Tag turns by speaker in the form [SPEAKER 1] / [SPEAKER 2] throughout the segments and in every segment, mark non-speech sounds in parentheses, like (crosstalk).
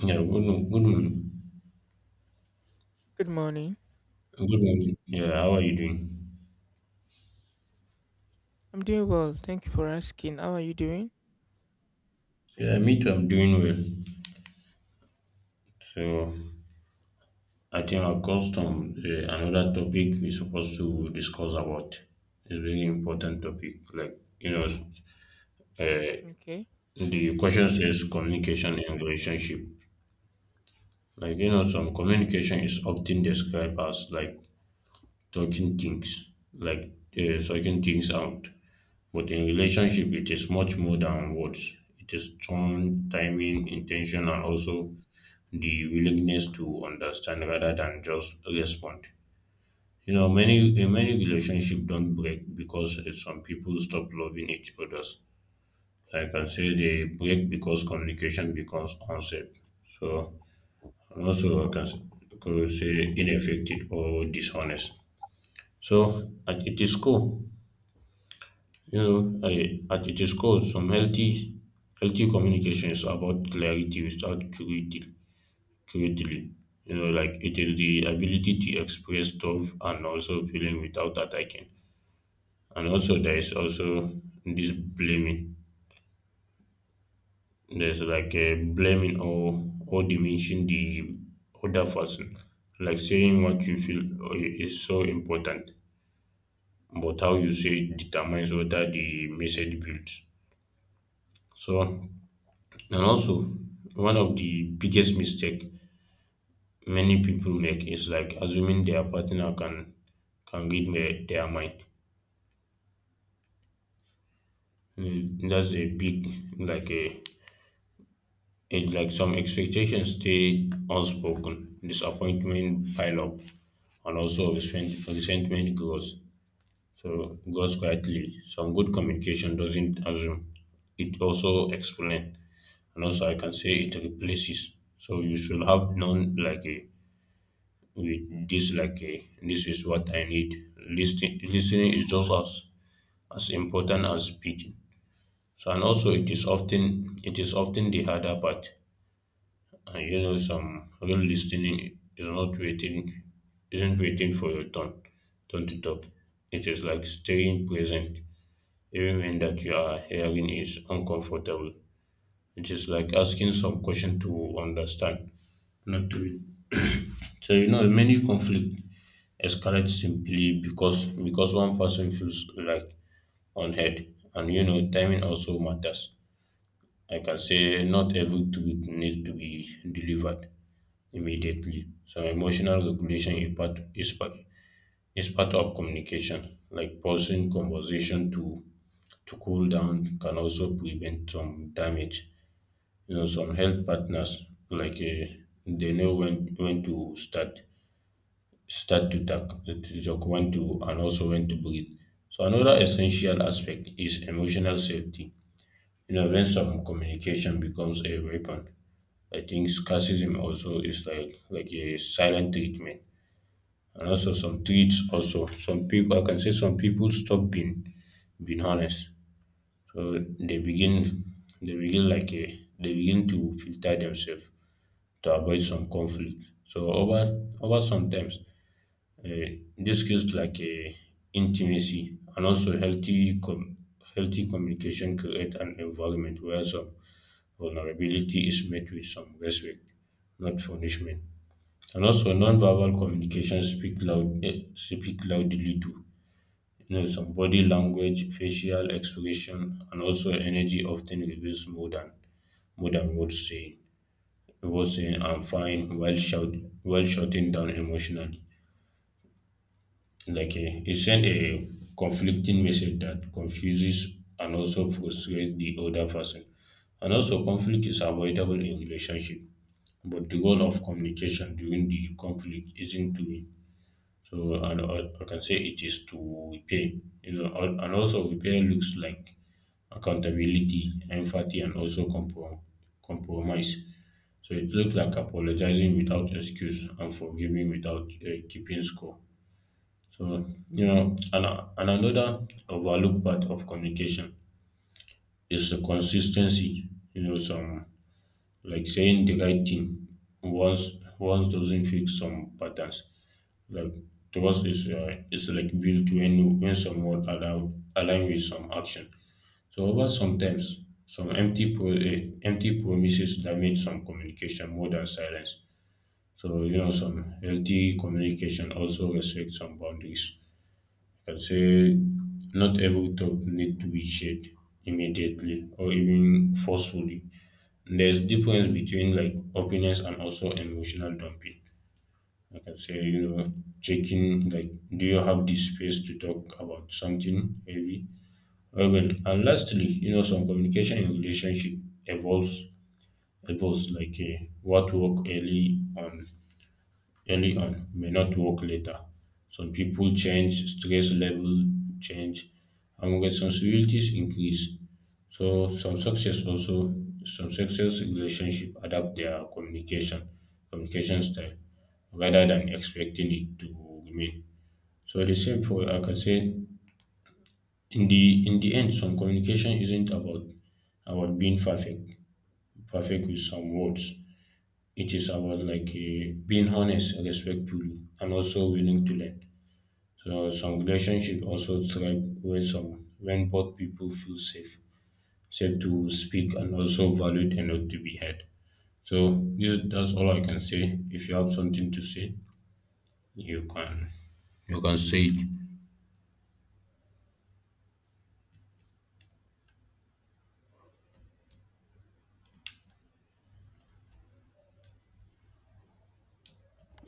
[SPEAKER 1] Yeah, good, good morning.
[SPEAKER 2] Good morning.
[SPEAKER 1] Good one. Yeah, how are you doing?
[SPEAKER 2] I'm doing well. Thank you for asking. How are you doing?
[SPEAKER 1] Yeah, me too, I'm doing well. So, I think another topic we're supposed to discuss about is really important topic. Like, you know, uh,
[SPEAKER 2] Okay.
[SPEAKER 1] the question says communication in relationship. Like, you know, some communication is often described as like talking things, talking things out. But in relationship, it is much more than words. It is tone, timing, intention, and also the willingness to understand rather than just respond. You know, many relationships don't break because some people stop loving each other. I can say they break because communication becomes unsafe. So, and also I could say ineffective or dishonest. So at its core, at its core, some healthy communication is about clarity without cruelty. You know, like it is the ability to express stuff and also feeling without attacking. And also, there is also this blaming. There's like a blaming or diminishing the other person. Like saying what you feel is so important, but how you say it determines whether the message builds. So, and also, one of the biggest mistake many people make is like assuming their partner can read their mind. Mm, that's a big like a it like some expectations stay unspoken, disappointment pile up, and also resentment grows. So grows quietly. Some good communication doesn't assume; it also explains and also I can say it replaces. So you should have known like a with this like a, this is what I need. Listening is just as important as speaking. So and also it is often the harder part. And you know some real listening is not waiting isn't waiting for your turn to talk. It is like staying present even when that you are hearing is uncomfortable. It is like asking some question to understand, not to read. (clears throat) So you know, many conflict escalate simply because one person feels like unheard, and you know, timing also matters. I can say not every tweet needs to be delivered immediately. So emotional regulation is part of communication. Like pausing conversation to cool down can also prevent some damage. You know, some health partners like they know when to start to talk when to and also when to breathe. So another essential aspect is emotional safety. You know, when some communication becomes a weapon, I think scarcism also is like a silent treatment. And also some treats also some people, I can say, some people stop being honest. So they begin to filter themselves to avoid some conflict. So over sometimes uh, these skills like intimacy and also healthy communication create an environment where some vulnerability is met with some respect, not punishment. And also, non verbal communication speak loudly too. You know, some body language, facial expression, and also energy often reveals more than words, saying was I'm fine while shout while shutting down emotionally. Like it sent a conflicting message that confuses and also frustrates the other person. And also conflict is avoidable in relationship, but the goal of communication during the conflict isn't to, I can say, it is to repair. You know, and also repair looks like accountability, empathy, and also compromise. So it looks like apologizing without excuse and forgiving without keeping score. So you know, and another overlooked part of communication is the consistency. You know, some like saying the right thing once once doesn't fix some patterns. Like trust is like built when some word allow align with some action. So over sometimes some empty promises damage some communication more than silence. So you know some healthy communication also respect some boundaries. I can say not every talk need to be shared immediately or even forcefully. There's difference between like openness and also emotional dumping. I can say, you know, checking like, do you have the space to talk about something heavy? Oh, well, and lastly, you know, some communication in relationship evolves, evolves like what work early on may not work later. Some people change, stress level change, and responsibilities increase. So some success relationship adapt their communication style rather than expecting it to remain. So the same for, I can say, in the end, some communication isn't about being perfect with some words. It is about like being honest, and respectful, and also willing to learn. So some relationship also thrive when some when both people feel safe to speak and also valued enough to be heard. So this that's all I can say. If you have something to say, you can you can say it.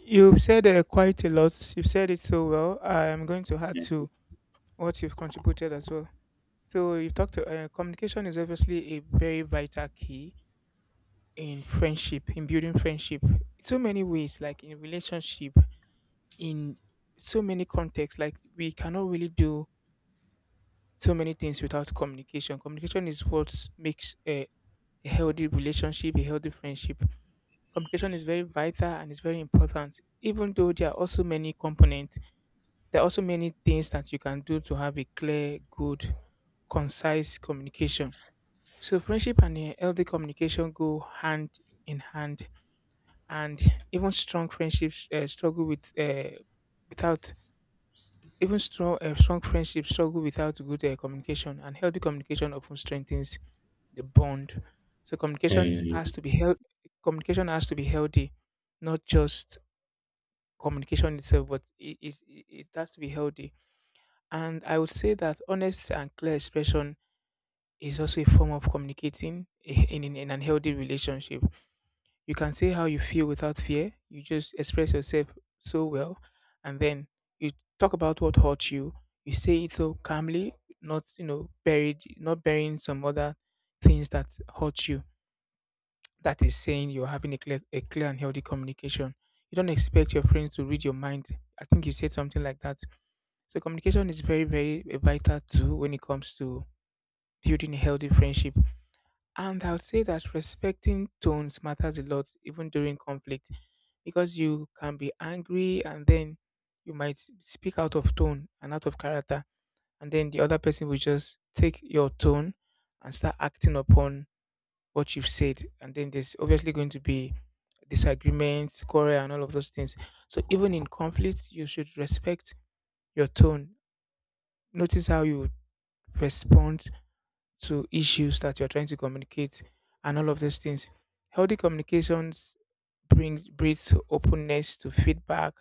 [SPEAKER 2] You've said quite a lot. You've said it so well. I am going to add to what you've contributed as well. So you've talked. Communication is obviously a very vital key in friendship, in building friendship. So many ways, like in relationship, in so many contexts. Like we cannot really do so many things without communication. Communication is what makes a healthy relationship, a healthy friendship. Communication is very vital and it's very important. Even though there are also many components, there are also many things that you can do to have a clear, good, concise communication. So friendship and a healthy communication go hand in hand, and even strong friendships struggle with without even strong friendships struggle without good communication. And healthy communication often strengthens the bond. So
[SPEAKER 1] Yeah,
[SPEAKER 2] communication
[SPEAKER 1] yeah,
[SPEAKER 2] has
[SPEAKER 1] yeah.
[SPEAKER 2] to be held. Communication has to be healthy, not just communication itself, but it has to be healthy. And I would say that honest and clear expression is also a form of communicating in an healthy relationship. You can say how you feel without fear, you just express yourself so well, and then you talk about what hurt you, you say it so calmly, not, you know, buried, not burying some other things that hurt you. That is saying you're having a clear and healthy communication. You don't expect your friends to read your mind. I think you said something like that. So communication is very a vital tool when it comes to building a healthy friendship. And I would say that respecting tones matters a lot, even during conflict, because you can be angry and then you might speak out of tone and out of character, and then the other person will just take your tone and start acting upon what you've said, and then there's obviously going to be disagreements, quarrel, and all of those things. So even in conflict, you should respect your tone. Notice how you respond to issues that you're trying to communicate and all of those things. Healthy communications brings breeds openness to feedback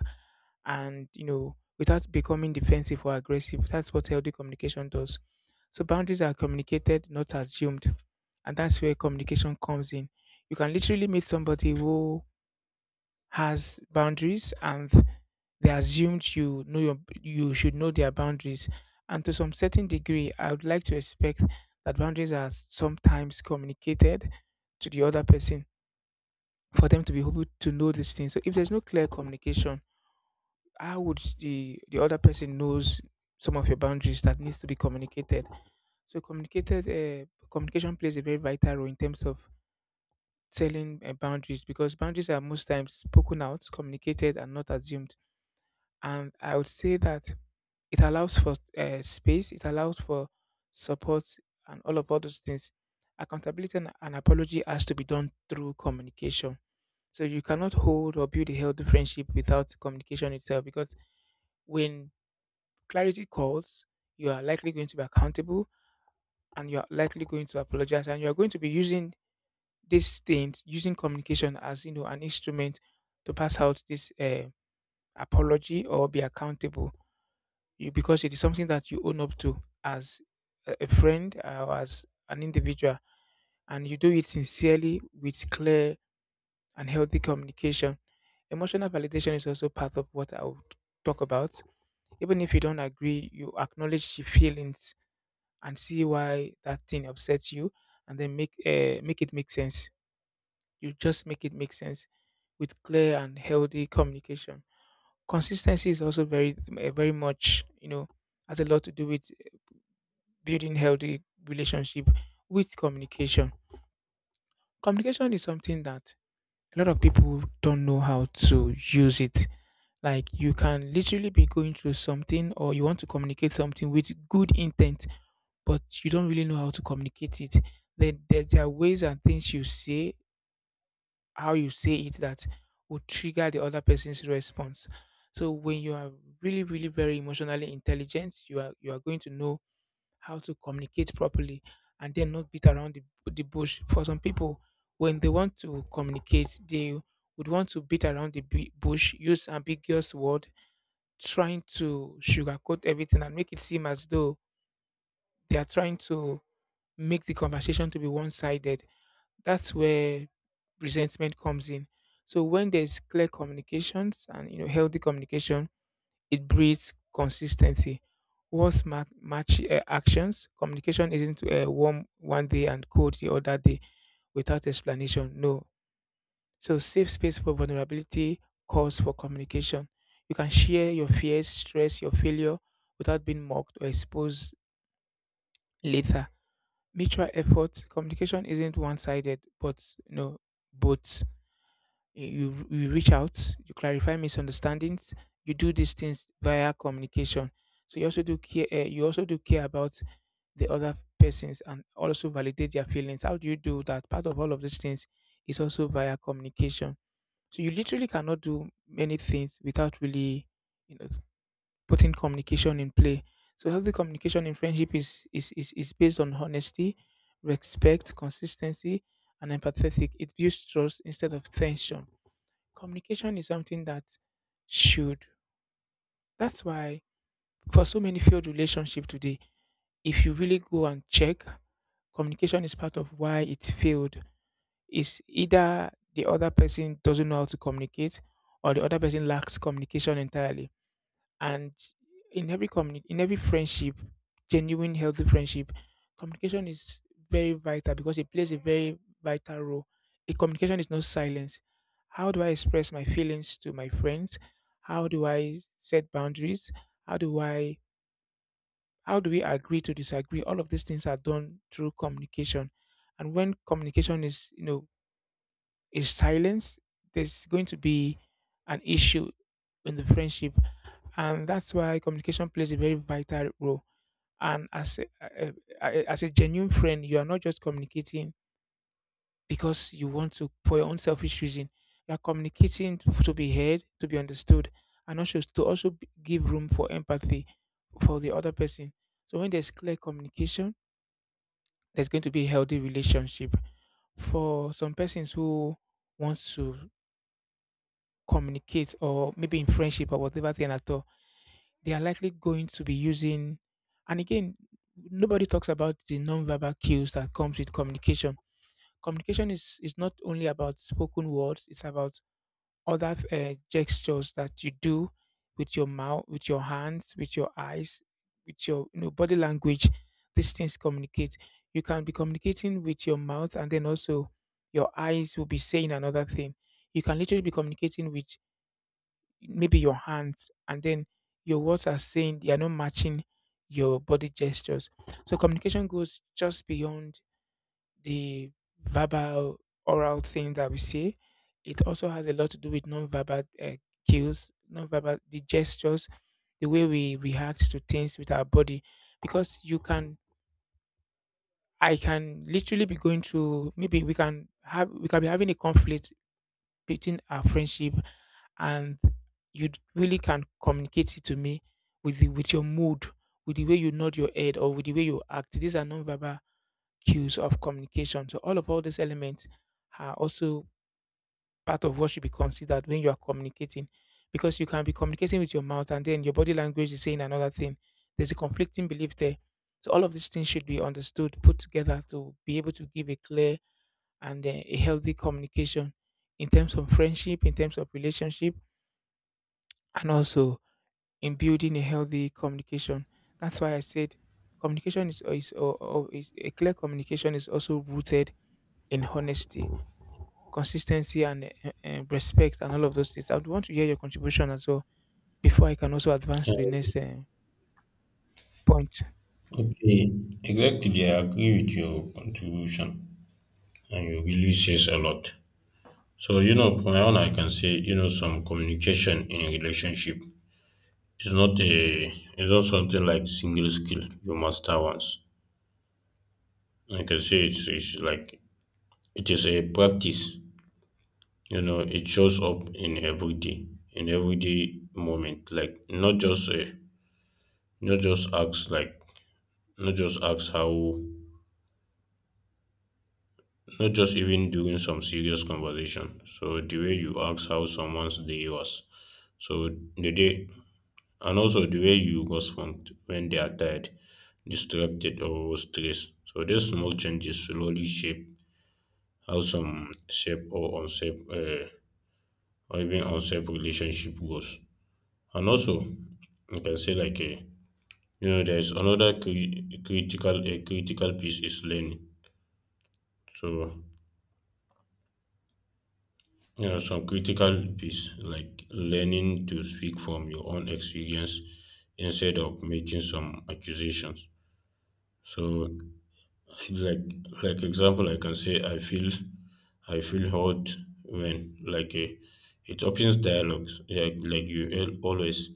[SPEAKER 2] and you know without becoming defensive or aggressive. That's what healthy communication does. So boundaries are communicated, not assumed. And that's where communication comes in. You can literally meet somebody who has boundaries and they assumed you know your you should know their boundaries. And to some certain degree, I would like to expect that boundaries are sometimes communicated to the other person for them to be able to know these things. So if there's no clear communication, how would the other person knows some of your boundaries that needs to be communicated? So communicated communication plays a very vital role in terms of telling boundaries, because boundaries are most times spoken out, communicated, and not assumed. And I would say that it allows for space, it allows for support and all those things. Accountability and an apology has to be done through communication. So you cannot hold or build a healthy friendship without communication itself, because when clarity calls, you are likely going to be accountable and you are likely going to apologize and you are going to be using these things, using communication as you know an instrument to pass out this apology or be accountable, you, because it is something that you own up to as a friend or as an individual, and you do it sincerely with clear and healthy communication. Emotional validation is also part of what I would talk about. Even if you don't agree, you acknowledge your feelings and see why that thing upsets you, and then make it make sense. You just make it make sense with clear and healthy communication. Consistency is also very much, you know, has a lot to do with building healthy relationship with communication. Communication is something that a lot of people don't know how to use it. Like you can literally be going through something or you want to communicate something with good intent, but you don't really know how to communicate it. Then there are ways and things you say, how you say it, that will trigger the other person's response. So when you are really very emotionally intelligent, you are going to know how to communicate properly and then not beat around the bush. For some people, when they want to communicate, they would want to beat around the bush, use ambiguous word, trying to sugarcoat everything and make it seem as though they are trying to make the conversation to be one-sided. That's where resentment comes in. So when there's clear communications and you know healthy communication, it breeds consistency. What's match actions? Communication isn't warm one day and cold the other day without explanation. No. So, safe space for vulnerability calls for communication. You can share your fears, stress, your failure without being mocked or exposed later. Mutual effort. Communication isn't one sided, but no, both you, you reach out, you clarify misunderstandings, you do these things via communication. So you also do care. You also do care about the other persons and also validate their feelings. How do you do that? Part of all of these things is also via communication. So you literally cannot do many things without really, you know, putting communication in play. So healthy communication in friendship is based on honesty, respect, consistency, and empathetic. It builds trust instead of tension. Communication is something that should. That's why, for so many failed relationships today, if you really go and check, communication is part of why it failed. It's either the other person doesn't know how to communicate or the other person lacks communication entirely. And in every in every friendship, genuine healthy friendship, communication is very vital because it plays a very vital role. A communication is not silence. How do I express my feelings to my friends? How do I set boundaries? How do i how do we agree to disagree? All of these things are done through communication. And when communication is, you know, is silence, there's going to be an issue in the friendship, and that's why communication plays a very vital role. And as a- as a genuine friend, you are not just communicating because you want to for your own selfish reason. You are communicating to be heard, to be understood, and also to also give room for empathy for the other person. So when there's clear communication, there's going to be a healthy relationship. For some persons who want to communicate or maybe in friendship or whatever thing at all, they are likely going to be using. And again, nobody talks about the non-verbal cues that comes with communication. Communication is not only about spoken words, it's about other gestures that you do with your mouth, with your hands, with your eyes, with your, you know, body language. These things communicate. You can be communicating with your mouth and then also your eyes will be saying another thing. You can literally be communicating with maybe your hands and then your words are saying, they are not matching your body gestures. So communication goes just beyond the verbal, oral thing that we say. It also has a lot to do with non-verbal cues, non-verbal the gestures, the way we react to things with our body, because you can. I can literally be going through. Maybe we can be having a conflict anticipating our friendship, and you really can communicate it to me with with your mood, with the way you nod your head or with the way you act. These are non-verbal cues of communication. So all these elements are also part of what should be considered when you are communicating, because you can be communicating with your mouth and then your body language is saying another thing. There's a conflicting belief there. So all of these things should be understood, put together to be able to give a clear and a healthy communication in terms of friendship, in terms of relationship, and also in building a healthy communication. That's why I said communication is, or is a clear communication is also rooted in honesty, consistency, and respect, and all of those things. I would want to hear your contribution as well before I can also advance
[SPEAKER 1] Yeah.
[SPEAKER 2] to the next point.
[SPEAKER 1] Okay, exactly. I agree with your contribution, and you really says a lot. So you know, from my own, I can say you know some communication in a relationship is not a it's not something like single skill you master once. Like I can say it's like it is a practice. You know, it shows up in every day, in everyday moment. Like not just a, not just acts like not just acts how not just even during some serious conversation. So the way you ask how someone's day was, so the day and also the way you respond when they are tired, distracted or stressed. So these small changes slowly shape how some shape or unshape uh, or even outside relationship goals. And also, you can say like a you know there's critical a critical piece is learning. So you know some critical piece like learning to speak from your own experience instead of making some accusations. So like like example, I can say I feel hurt when like a it opens dialogues like always.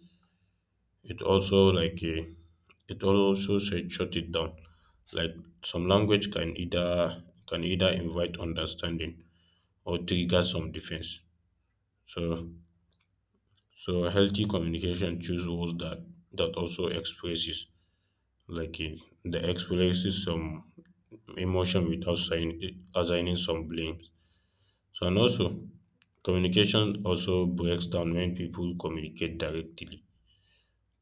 [SPEAKER 1] It also like a, it also said shut it down. Like some language can either invite understanding or trigger some defense. So so healthy communication choose words that that also expresses like the expresses some emotion without assigning some blame. So and also communication also breaks down when people communicate directly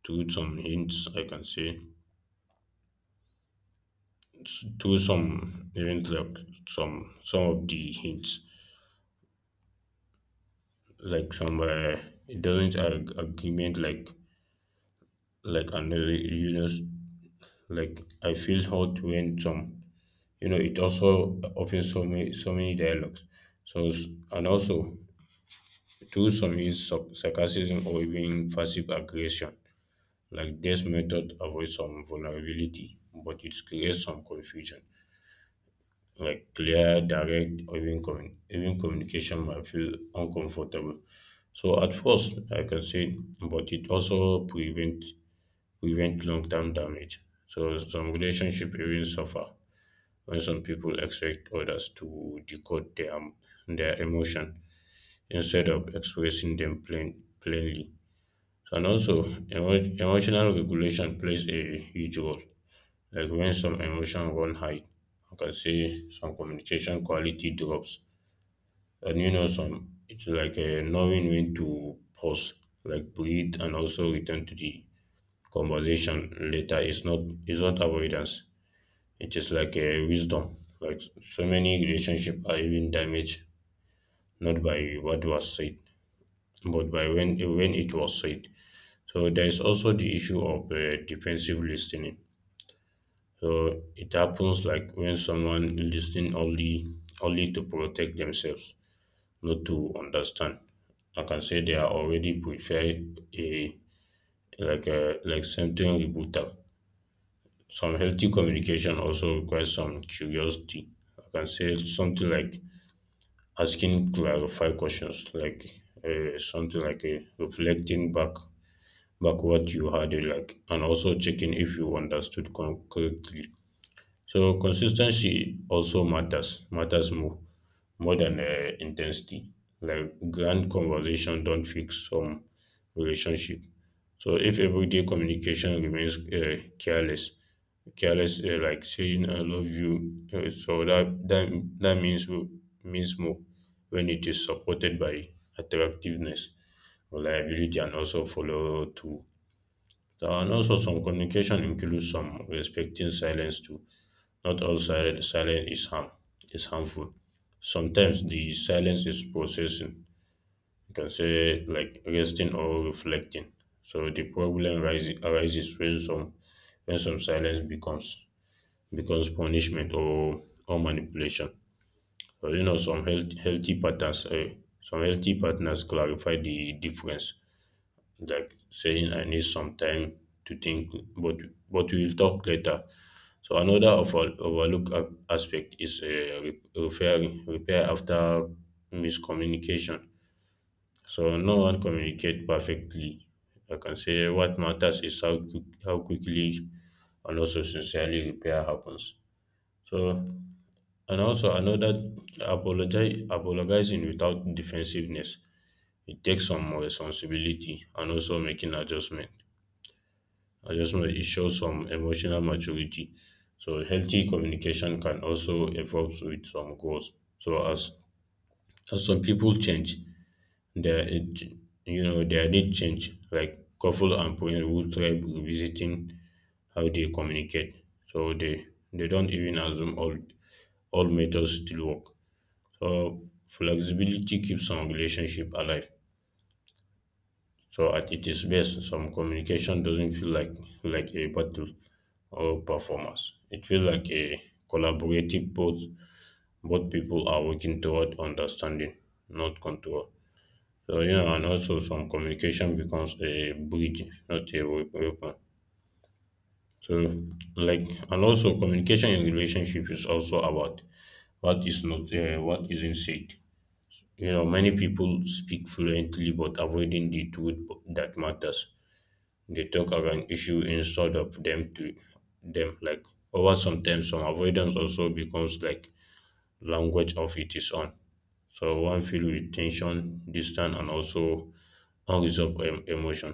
[SPEAKER 1] through some hints, I can say, through some even like some of the hints like some it doesn't agreement like another you know like I feel hot when some you know it also opens so many so many dialogues so s- and also through some is sarcasm or even passive aggression, like this method avoids some vulnerability but it creates some confusion. Like clear, direct, or even, even communication might feel uncomfortable. So at first, I can say, but it also prevent long term damage. So some relationship even suffer when some people expect others to decode their emotion instead of expressing them plainly. So, and also, emotional regulation plays a huge role. Like when some emotion run high, I can say some communication quality drops. And you know, some it's like a knowing when to pause, like breathe, and also return to the conversation later. It's not avoidance. It is like a wisdom. Like so many relationships are even damaged not by what was said, but by when it was said. So there is also the issue of defensive listening. So it happens like when someone listening only only to protect themselves, not to understand. I can say they are already prefer a a like something rebuttal. Some healthy communication also requires some curiosity. I can say something like asking clarify questions, like something like reflecting back what you had like, and also checking if you understood correctly. So consistency also matters more than intensity. Like grand conversation don't fix some relationship. So if everyday communication remains careless, careless like saying I love you, that means more when it is supported by attractiveness, reliability, and also follow through. And also some communication includes some respecting silence too. Not all silent silence is harmful. Sometimes the silence is processing. You can say like resting or reflecting. So the arises when some silence becomes punishment or manipulation. So you know healthy patterns some healthy partners clarify the difference. Like saying I need some time to think, but but we will talk later. So another overlooked aspect is repair after miscommunication. So no one communicate perfectly. I can say what matters is how how quickly and also sincerely repair happens. So and also another apologize apologizing without defensiveness. It takes some responsibility and also making adjustment. I just know it shows some emotional maturity. So healthy communication can also evolve with some goals. So as some people change, their it- you know their need change. Like couple and parents will try revisiting how they communicate. So they don't even assume all methods still work. So flexibility keeps some relationship alive. So at its best, some communication doesn't feel like a battle or performance. It feels like a collaborative. Both people are working toward understanding, not control. So you know, and also some communication becomes a bridge, not a weapon. So like and also communication in relationship is also about what is not what isn't said. You know, many people speak fluently but avoiding the truth that matters. They talk around issue instead of them to them. Like over some time, some avoidance also becomes like language of it is on. So one filled with tension, distance, and also unresolved emotion.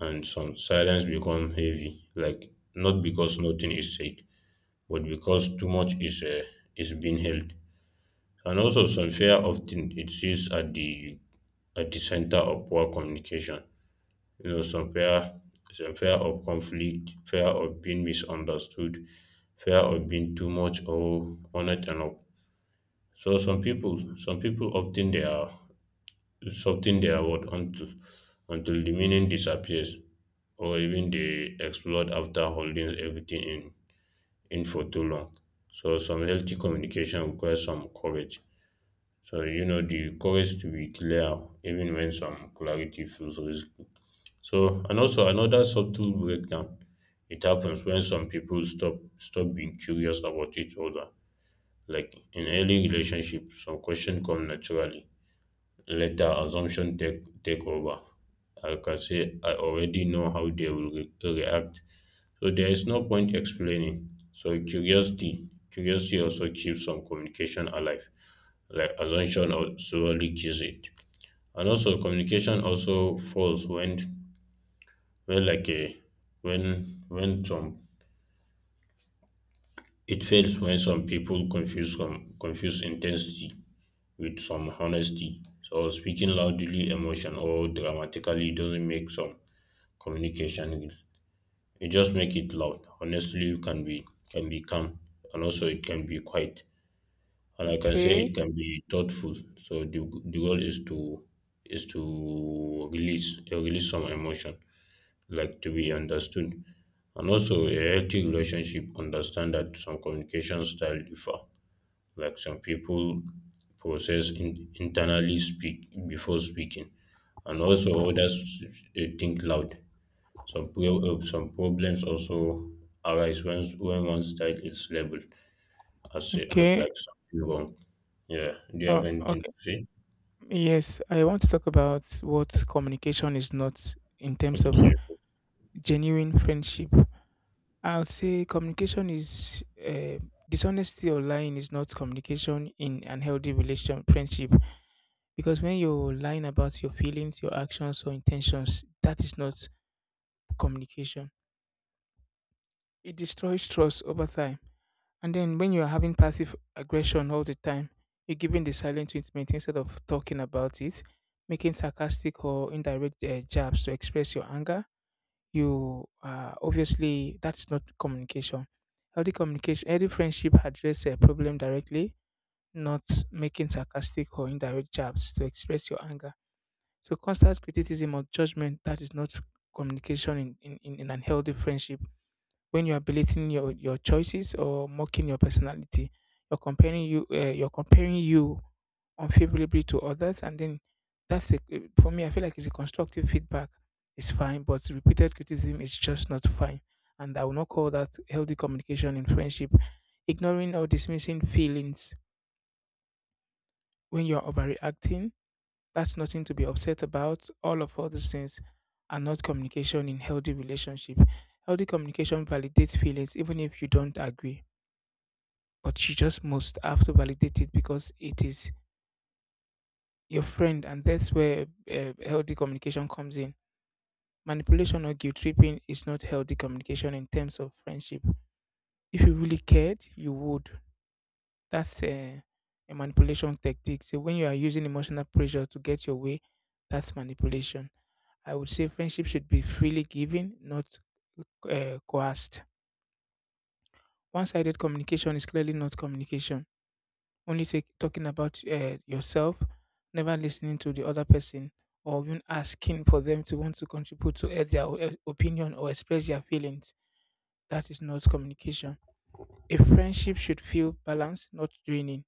[SPEAKER 1] And some silence become heavy, like not because nothing is said, but because too much is being held. And also some fear often it sits at the center of poor communication. You know some fear of conflict, fear of being misunderstood, fear of being too much or not enough. So some people often they are something they are what until the meaning disappears or even they explode after holding everything in for too long. So some healthy communication requires some courage. So, you know, the courage to be clear even when some clarity feels risky. So, and also another subtle breakdown. It happens when some people stop being curious about each other. Like in early relationship, some question come naturally. Later, assumption take over. I can say I already know how they will react. So there is no point explaining. So curiosity also keeps some communication alive. Like assumption also kills it. And also communication also falls when like a when some it fails when some people confuse intensity with some honesty. So speaking loudly, emotion or dramatically doesn't make some communication real. You just make it loud. Honestly, you can be calm, and also it can be quiet, and like I can say
[SPEAKER 2] Okay,
[SPEAKER 1] it can be thoughtful. So the goal is to release some emotion, like to be understood, and also a healthy relationship. Understand that some communication style differ. Like some people process internally speak before speaking, and also others think loud. Some, some problems also arise when one style is labeled as
[SPEAKER 2] okay,
[SPEAKER 1] like something wrong. Yeah. Do you have anything
[SPEAKER 2] okay.
[SPEAKER 1] to say?
[SPEAKER 2] Yes, I want to talk about what communication is not in terms of
[SPEAKER 1] Okay.
[SPEAKER 2] genuine friendship. I will say communication is dishonesty or lying is not communication in unhealthy relation friendship because when you're lying about your feelings, your actions or intentions, that is not communication. It destroys trust over time. And then when you are having passive aggression all the time, you're giving the silent treatment instead of talking about it, making sarcastic or indirect jabs to express your anger, you obviously that's not communication. Healthy communication, healthy friendship address a problem directly, not making sarcastic or indirect jabs to express your anger. So constant criticism or judgment, that is not communication in an healthy friendship, when you are belating your choices or mocking your personality, you're comparing you're comparing you unfavorably to others, and then that's for me I feel like it's a constructive feedback, it's fine, but repeated criticism is just not fine, and I will not call that healthy communication in friendship. Ignoring or dismissing feelings, when you're overreacting, that's nothing to be upset about, all of other things are not communication in healthy relationship. Healthy communication validates feelings even if you don't agree, but you just must have to validate it, because it is your friend, and that's where healthy communication comes in. Manipulation or guilt tripping is not healthy communication in terms of friendship. If you really cared, you would. That's a manipulation tactic. So when you are using emotional pressure to get your way, that's manipulation. I would say friendship should be freely given, not coerced. One sided communication is clearly not communication, talking about yourself, never listening to the other person, or even asking for them to want to contribute to add their opinion or express their feelings. That is not communication. A friendship should feel balanced, not draining.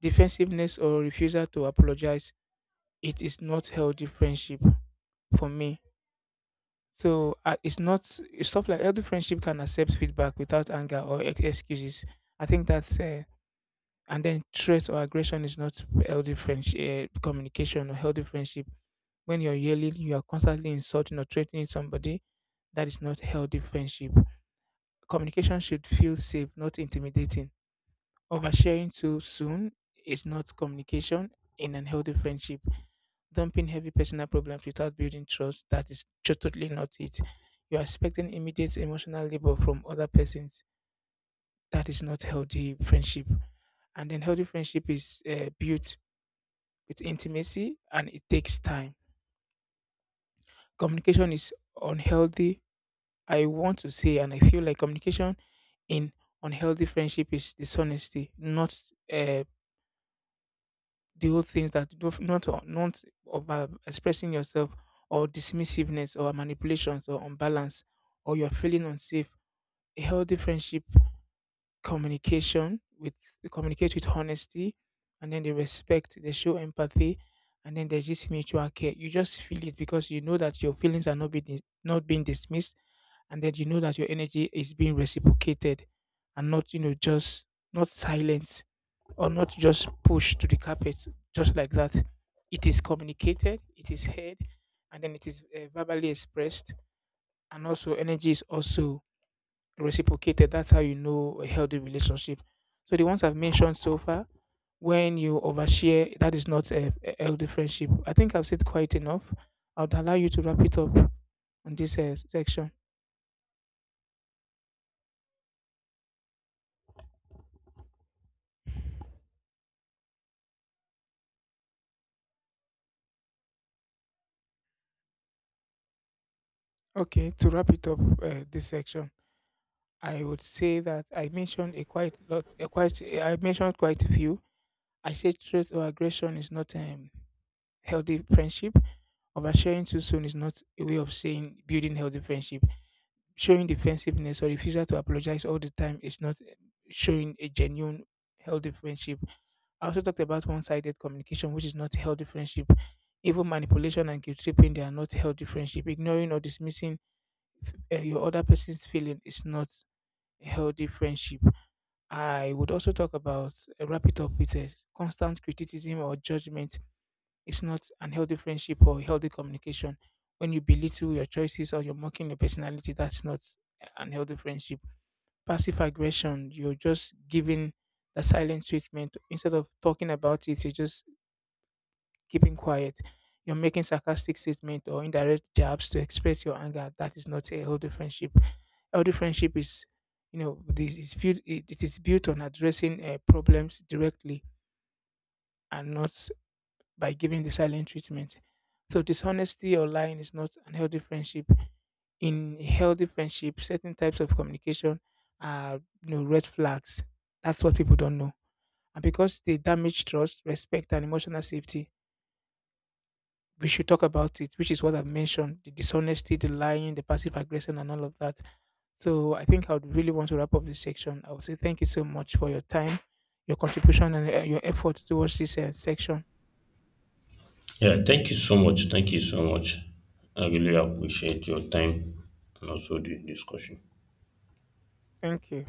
[SPEAKER 2] Defensiveness or refusal to apologize, it is not healthy friendship for me. So it's not it's stuff like healthy friendship can accept feedback without anger or excuses. I think that's and then threat or aggression is not healthy friendship communication or healthy friendship. When you're yelling, you are constantly insulting or threatening somebody, that is not healthy friendship. Communication should feel safe, not intimidating. Oversharing too soon is not communication in an healthy friendship. Dumping heavy personal problems without building trust, that is totally not it. You are expecting immediate emotional labor from other persons, that is not healthy friendship. And then healthy friendship is built with intimacy, and it takes time. Communication is unhealthy, I want to say, and I feel like communication in unhealthy friendship is dishonesty, not uh, the whole things that do not, not over expressing yourself, or dismissiveness, or manipulations, or unbalance, or you're feeling unsafe. A healthy friendship communication with, they communicate with honesty, and then they respect, they show empathy, and then there's this mutual care. You just feel it, because you know that your feelings are not being not being dismissed, and then you know that your energy is being reciprocated, and not, you know, just not silenced, or not just pushed to the carpet, just like that. It is communicated, it is heard, and then it is verbally expressed, and also energy is also reciprocated. That's how you know a healthy relationship. So the ones I've mentioned so far, when you overshare, that is not a healthy friendship. I think I've said quite enough. I'd allow you to wrap it up on this section. Okay, to wrap it up, this section, I would say that I mentioned a quite lot, I mentioned quite a few. I said threat or aggression is not healthy friendship. Oversharing too soon is not a way of saying building healthy friendship. Showing defensiveness or refusal to apologize all the time is not showing a genuine healthy friendship. I also talked about one-sided communication, which is not healthy friendship. Even manipulation and guilt tripping, they are not healthy friendship. Ignoring or dismissing your other person's feeling is not a healthy friendship. I would also talk about, wrap it up with constant criticism or judgment. It's not an healthy friendship or healthy communication. When you belittle your choices or you're mocking your personality, that's not an healthy friendship. Passive aggression, you're just giving the silent treatment instead of talking about it. You're just keeping quiet. You're making sarcastic statement or indirect jabs to express your anger. That is not a healthy friendship. Healthy friendship is, you know, this is built. It is built on addressing problems directly, and not by giving the silent treatment. So dishonesty or lying is not an healthy friendship. In a healthy friendship, certain types of communication are, you know, red flags. That's what people don't know. And because they damage trust, respect, and emotional safety, we should talk about it, which is what I've mentioned: the dishonesty, the lying, the passive aggression, and all of that. So I think I would really want to wrap up this section. I would say thank you so much for your time, your contribution, and your effort towards this section.
[SPEAKER 1] Yeah. Thank you so much. Thank you so much. I really appreciate your time and also the discussion.
[SPEAKER 2] Thank you.